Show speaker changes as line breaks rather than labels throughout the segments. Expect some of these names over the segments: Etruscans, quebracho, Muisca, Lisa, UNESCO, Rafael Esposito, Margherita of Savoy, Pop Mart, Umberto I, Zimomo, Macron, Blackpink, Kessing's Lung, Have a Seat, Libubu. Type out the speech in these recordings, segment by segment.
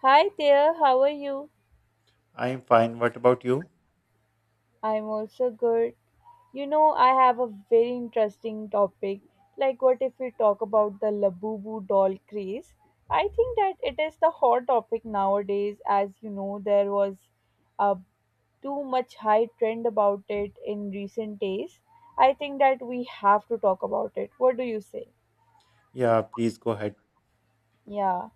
Hi there, how are you?
I'm fine. What about you?
I'm also good. You know, I have a very interesting topic. Like, what if we talk about the Labubu doll craze? I think that it is the hot topic nowadays. As you know, there was uh, too much high trend about it in recent days. I think that we have to talk about it. What do you say?
Yeah, please go ahead.
Yeah.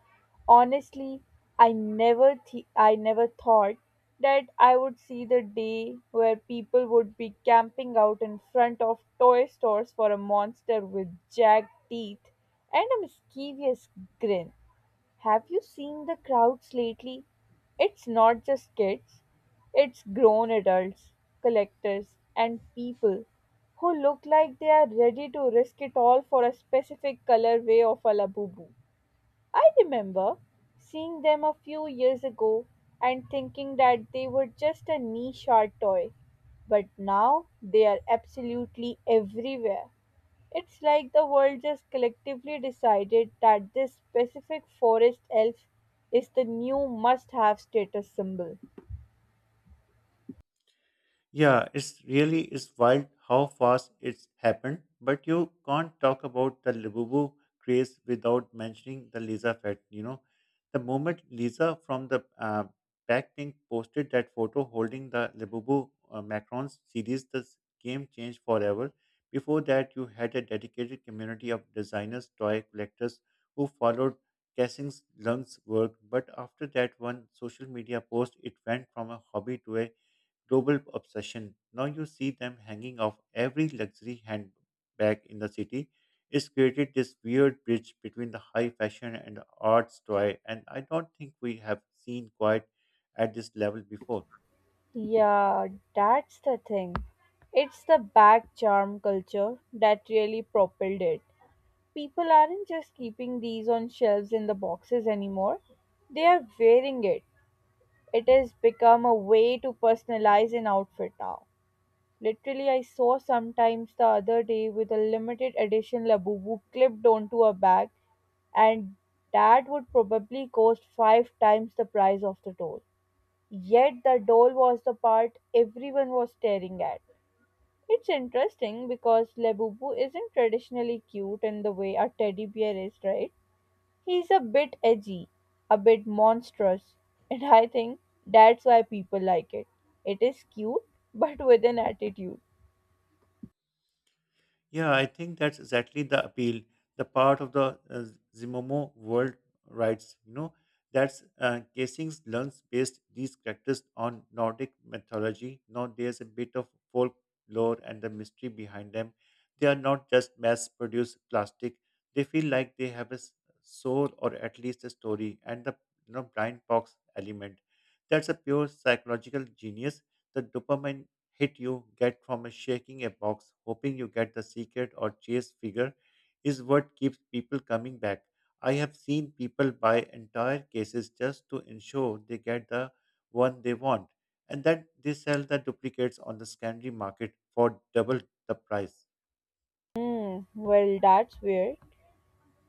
Honestly, I never thought that I would see the day where people would be camping out in front of toy stores for a monster with jagged teeth and a mischievous grin. Have you seen the crowds lately? It's not just kids, it's grown adults, collectors, and people who look like they are ready to risk it all for a specific colorway of a labubu. I remember seeing them a few years ago and thinking that they were just a niche art toy, but now they are absolutely everywhere. It's like the world just collectively decided that this specific forest elf is the new must have status symbol.
Yeah, it's wild how fast it's happened, but you can't talk about the Libubu craze without mentioning the Lisa fact. You know, the moment Lisa from the Blackpink posted that photo holding the Libubu Macron's series, game changed forever. Before that, you had a dedicated community of designers, toy collectors who followed Kessing's Lung's work, but after that one social media post, it went from a hobby to a global obsession. Now you see them hanging off every luxury handbag in the city. It's created this weird bridge between the high fashion and the arts toy, and I don't think we have seen quite at this level before.
Yeah, that's the thing. It's the back charm culture that really propelled it. People aren't just keeping these on shelves in the boxes anymore, they are wearing it. It has become a way to personalize an outfit now. Literally, I saw sometimes the other day with a limited edition Labubu clipped onto a bag, and that would probably cost five times the price of the doll. Yet the doll was the part everyone was staring at. It's interesting because Labubu isn't traditionally cute in the way a teddy bear is, right? He's a bit edgy, a bit monstrous, and I think that's why people like it. It is cute, but with an attitude.
Yeah, I think that's exactly the appeal. The part of the Zimomo world rights, you know, that's Casings learns based these characters on Nordic mythology. Now there's a bit of folklore and the mystery behind them. They are not just mass-produced plastic. They feel like they have a soul or at least a story. And the blind box element, that's a pure psychological genius. The dopamine hit you get from a shaking a box, hoping you get the secret or chase figure, is what keeps people coming back. I have seen people buy entire cases just to ensure they get the one they want, and then they sell the duplicates on the secondary market for double the price.
Hmm, well, that's weird.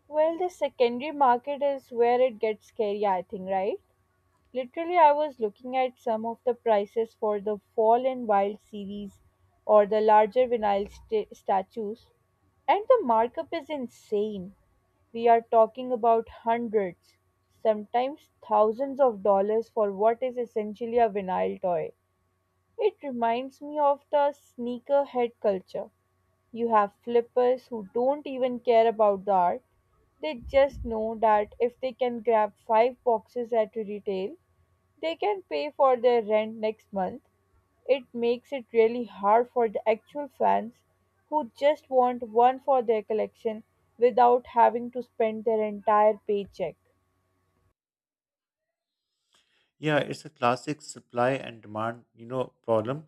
Well, the secondary market is where it gets scary, I think, right? Literally, I was looking at some of the prices for the Fall and Wild series or the larger vinyl statues, and the markup is insane. We are talking about hundreds, sometimes thousands of dollars for what is essentially a vinyl toy. It reminds me of the sneakerhead culture. You have flippers who don't even care about the art. They just know that if they can grab five boxes at retail, they can pay for their rent next month. It makes it really hard for the actual fans who just want one for their collection without having to spend their entire paycheck.
Yeah, it's a classic supply and demand, you know, problem.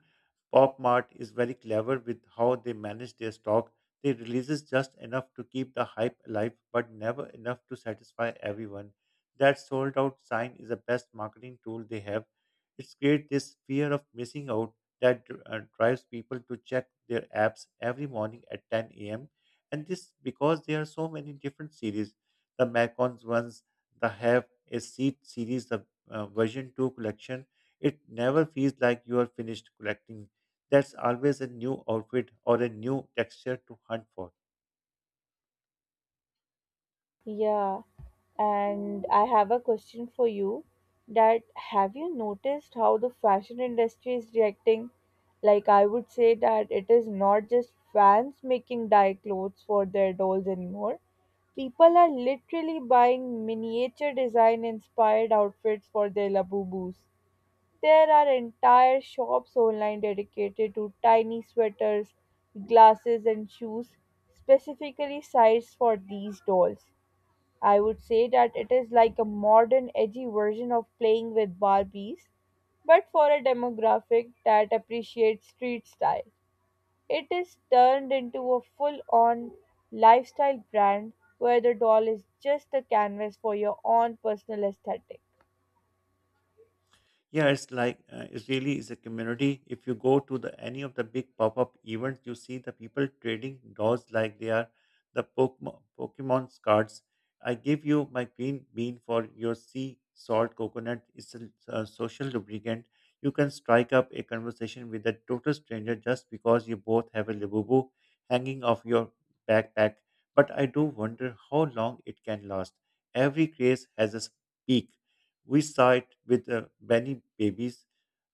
Pop Mart is very clever with how they manage their stock. They releases just enough to keep the hype alive, but never enough to satisfy everyone. That sold out sign is the best marketing tool they have. It's creates this fear of missing out that drives people to check their apps every morning at 10 a.m. And this because there are so many different series. The Macons ones, the Have a Seat series, the version 2 collection, it never feels like you are finished collecting. That's always a new outfit or a new texture to hunt for.
Yeah, and I have a question for you, that have you noticed how the fashion industry is reacting? Like, I would say that it is not just fans making dye clothes for their dolls anymore. People are literally buying miniature design inspired outfits for their labubus. There are entire shops online dedicated to tiny sweaters, glasses, and shoes specifically sized for these dolls. I would say that it is like a modern, edgy version of playing with Barbies, but for a demographic that appreciates street style. It is turned into a full on lifestyle brand where the doll is just a canvas for your own personal aesthetic.
Yeah, it's like it really is a community. If you go to the any of the big pop-up events, you see the people trading dolls like they are the Pokemon cards. I give you my green bean for your sea salt coconut. It's a social lubricant. You can strike up a conversation with a total stranger just because you both have a labubu hanging off your backpack. But I do wonder how long it can last. Every craze has a peak. We saw it with many babies.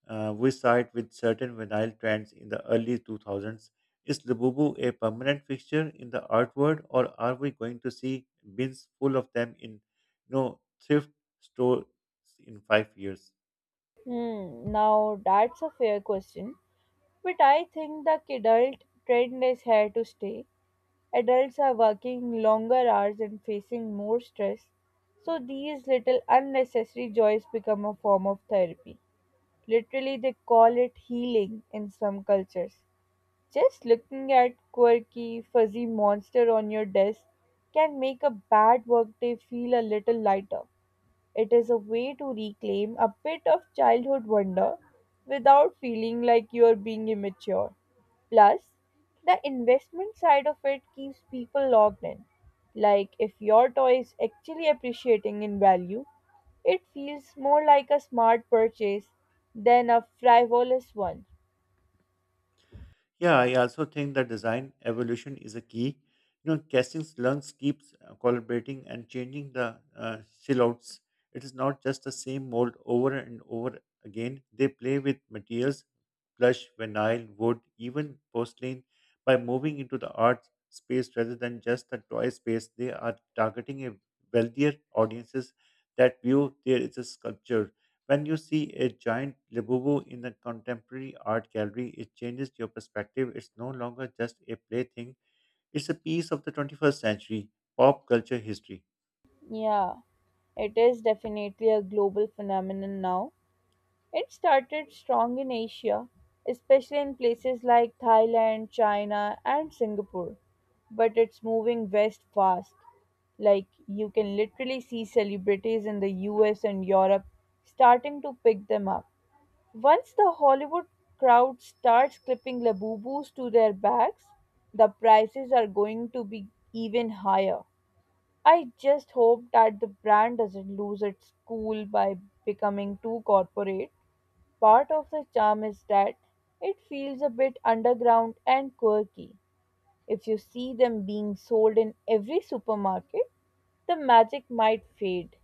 We saw it with certain vinyl trends in the early 2000s. Is Labubu a permanent fixture in the art world, or are we going to see bins full of them in thrift stores in 5 years?
Hmm, now that's a fair question, but I think the kidult trend is here to stay. Adults are working longer hours and facing more stress, so these little unnecessary joys become a form of therapy. Literally, they call it healing in some cultures. Just looking at quirky, fuzzy monster on your desk can make a bad workday feel a little lighter. It is a way to reclaim a bit of childhood wonder without feeling like you're being immature. Plus, the investment side of it keeps people locked in. Like, if your toy is actually appreciating in value, it feels more like a smart purchase than a frivolous one.
Yeah, I also think that design evolution is a key. You know, casting's lungs keeps collaborating and changing the silhouettes. It is not just the same mold over and over again. They play with materials, plush, vinyl, wood, even porcelain. By moving into the art space rather than just the toy space, they are targeting a wealthier audiences that view there is a sculpture. When you see a giant Libubu in a contemporary art gallery, it changes your perspective. It's no longer just a plaything, it's a piece of the 21st century pop culture history.
Yeah, it is definitely a global phenomenon now. It started strong in Asia, especially in places like Thailand, China, and Singapore, but it's moving west fast. Like, you can literally see celebrities in the US and Europe starting to pick them up. Once the Hollywood crowd starts clipping labubus to their backs, the prices are going to be even higher. I just hope that the brand doesn't lose its cool by becoming too corporate. Part of the charm is that it feels a bit underground and quirky. If you see them being sold in every supermarket, the magic might fade.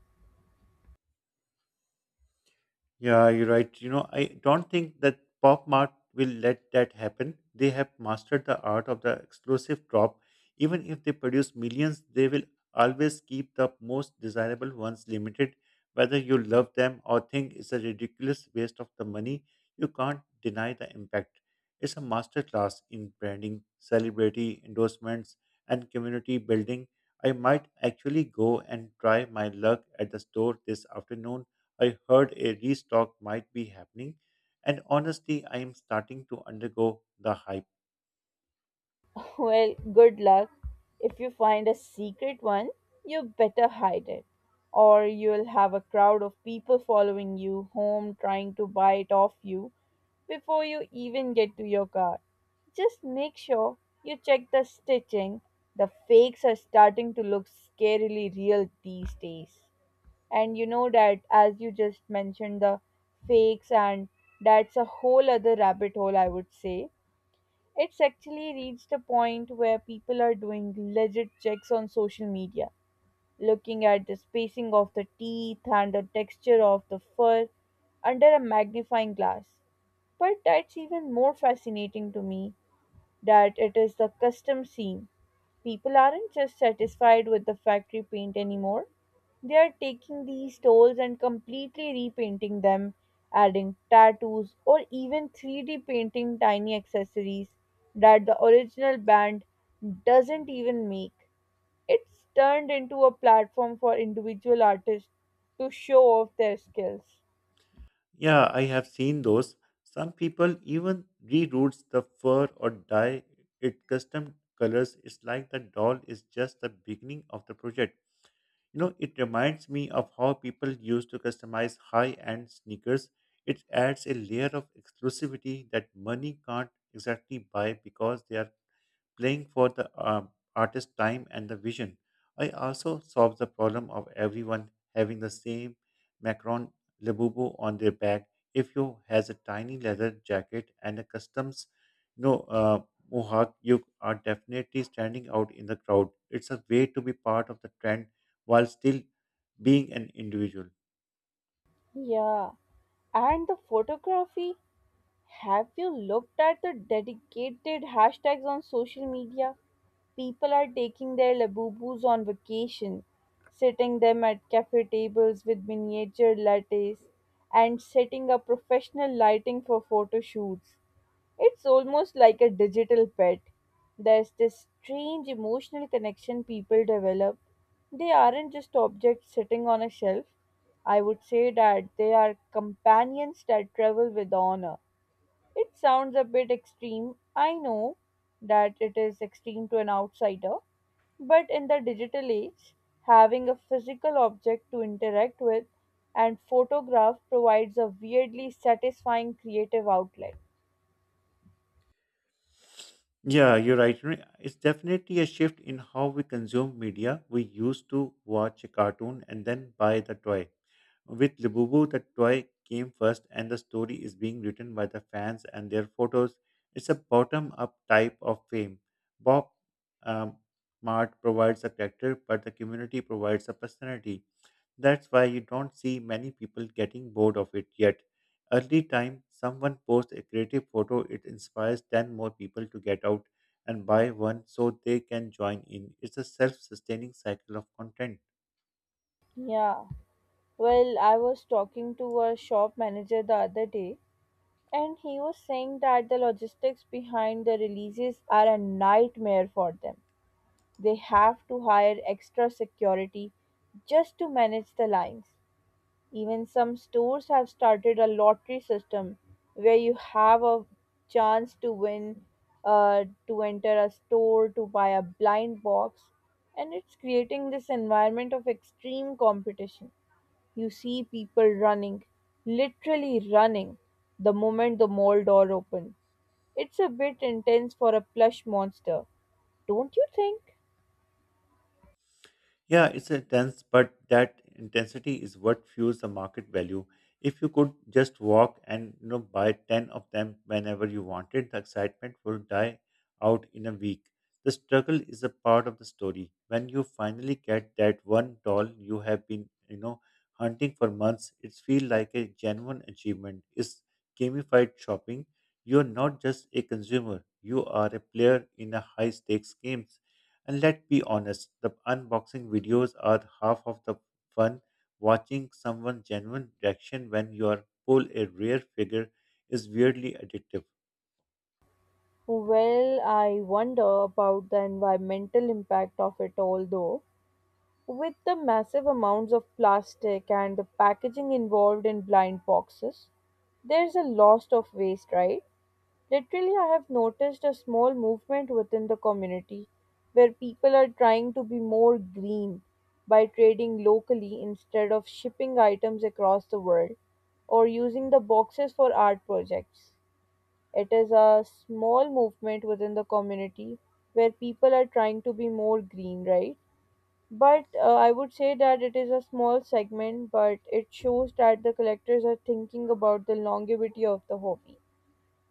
Yeah, you're right. You know, I don't think that Pop Mart will let that happen. They have mastered the art of the explosive drop. Even if they produce millions, they will always keep the most desirable ones limited. Whether you love them or think it's a ridiculous waste of the money, you can't deny the impact. It's a masterclass in branding, celebrity endorsements, and community building. I might actually go and try my luck at the store this afternoon. I heard a restock might be happening, and honestly, I am starting to undergo the hype.
Well, good luck. If you find a secret one, you better hide it, or you'll have a crowd of people following you home trying to buy it off you before you even get to your car. Just make sure you check the stitching. The fakes are starting to look scarily real these days. And you know that, as you just mentioned, the fakes, and that's a whole other rabbit hole, I would say. It's actually reached a point where people are doing legit checks on social media, looking at the spacing of the teeth and the texture of the fur under a magnifying glass. But that's even more fascinating to me, that it is the custom scene. People aren't just satisfied with the factory paint anymore. They are taking these tolls and completely repainting them, adding tattoos or even 3D painting tiny accessories that the original band doesn't even make. It's turned into a platform for individual artists to show off their skills.
Yeah, I have seen those. Some people even reroutes the fur or dye it custom colors. It's like the doll is just the beginning of the project. You know, it reminds me of how people used to customize high end sneakers. It adds a layer of exclusivity that money can't exactly buy because they are playing for the artist's time and the vision. I also solved the problem of everyone having the same Macron Labubu on their back. If you has a tiny leather jacket and a customs, you know, uh, mohawk, you are definitely standing out in the crowd. It's a way to be part of the trend while still being an individual.
Yeah. And the photography? Have you looked at the dedicated hashtags on social media? People are taking their Labubus on vacation, sitting them at cafe tables with miniature lattes, and setting up professional lighting for photo shoots. It's almost like a digital pet. There's this strange emotional connection people develop. They aren't just objects sitting on a shelf. I would say that they are companions that travel with honor. It sounds a bit extreme. I know that it is extreme to an outsider, but in the digital age, having a physical object to interact with and photograph provides a weirdly satisfying creative outlet.
Yeah, you're right. It's definitely a shift in how we consume media. We used to watch a cartoon and then buy the toy. With Lububu, the toy came first, and the story is being written by the fans and their photos. It's a bottom up type of fame. Bob um, Mart provides a character, but the community provides a personality. That's why you don't see many people getting bored of it yet. Early time, someone posts a creative photo, it inspires 10 more people to get out and buy one so they can join in. It's a self sustaining cycle of content.
Yeah. Well, I was talking to a shop manager the other day, and he was saying that the logistics behind the releases are a nightmare for them. They have to hire extra security just to manage the lines. Even some stores have started a lottery system where you have a chance to win, to enter a store, to buy a blind box, and it's creating this environment of extreme competition. You see people running, literally running, the moment the mall door opens. It's a bit intense for a plush monster, don't you think?
Yeah, it's intense, but that intensity is what fuels the market value. If you could just walk and buy 10 of them whenever you wanted, the excitement will die out in a week. The struggle is a part of the story. When you finally get that one doll you have been, hunting for months, it feels like a genuine achievement. It's gamified shopping. You're not just a consumer, you are a player in a high stakes game. And let's be honest, the unboxing videos are half of the fun. Watching someone genuine reaction when you are pull a rare figure is weirdly addictive.
Well, I wonder about the environmental impact of it all, though. With the massive amounts of plastic and the packaging involved in blind boxes, there's a loss of waste, right? Literally, I have noticed a small movement within the community where people are trying to be more green by trading locally instead of shipping items across the world or using the boxes for art projects. It is a small movement within the community where people are trying to be more green, right? But I would say that it is a small segment, but it shows that the collectors are thinking about the longevity of the hobby.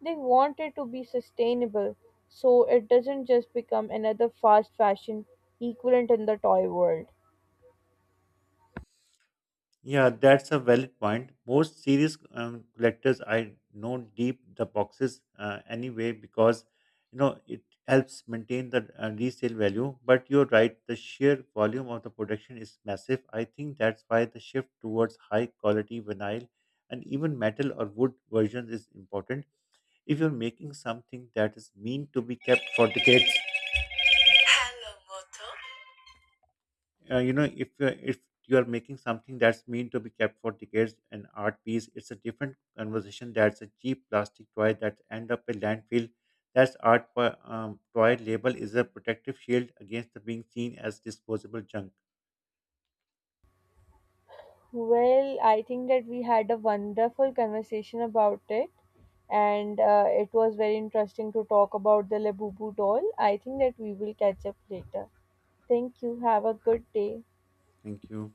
They want it to be sustainable so it doesn't just become another fast fashion equivalent in the toy world.
Yeah, that's a valid point. Most serious collectors I know deep the boxes anyway because you know it helps maintain the resale value. But you're right, the sheer volume of the production is massive. I think that's why the shift towards high quality vinyl and even metal or wood versions is important. If you're making something that is meant to be kept for decades. Hello, Moto. You know if you are making something that's meant to be kept for decades, an art piece, it's a different conversation. That's a cheap plastic toy that end up a landfill. Toy label is a protective shield against the being seen as disposable junk.
Well, I think that we had a wonderful conversation about it, and it was very interesting to talk about the Labubu doll. I think that we will catch up later. Thank you. Have a good day.
Thank you.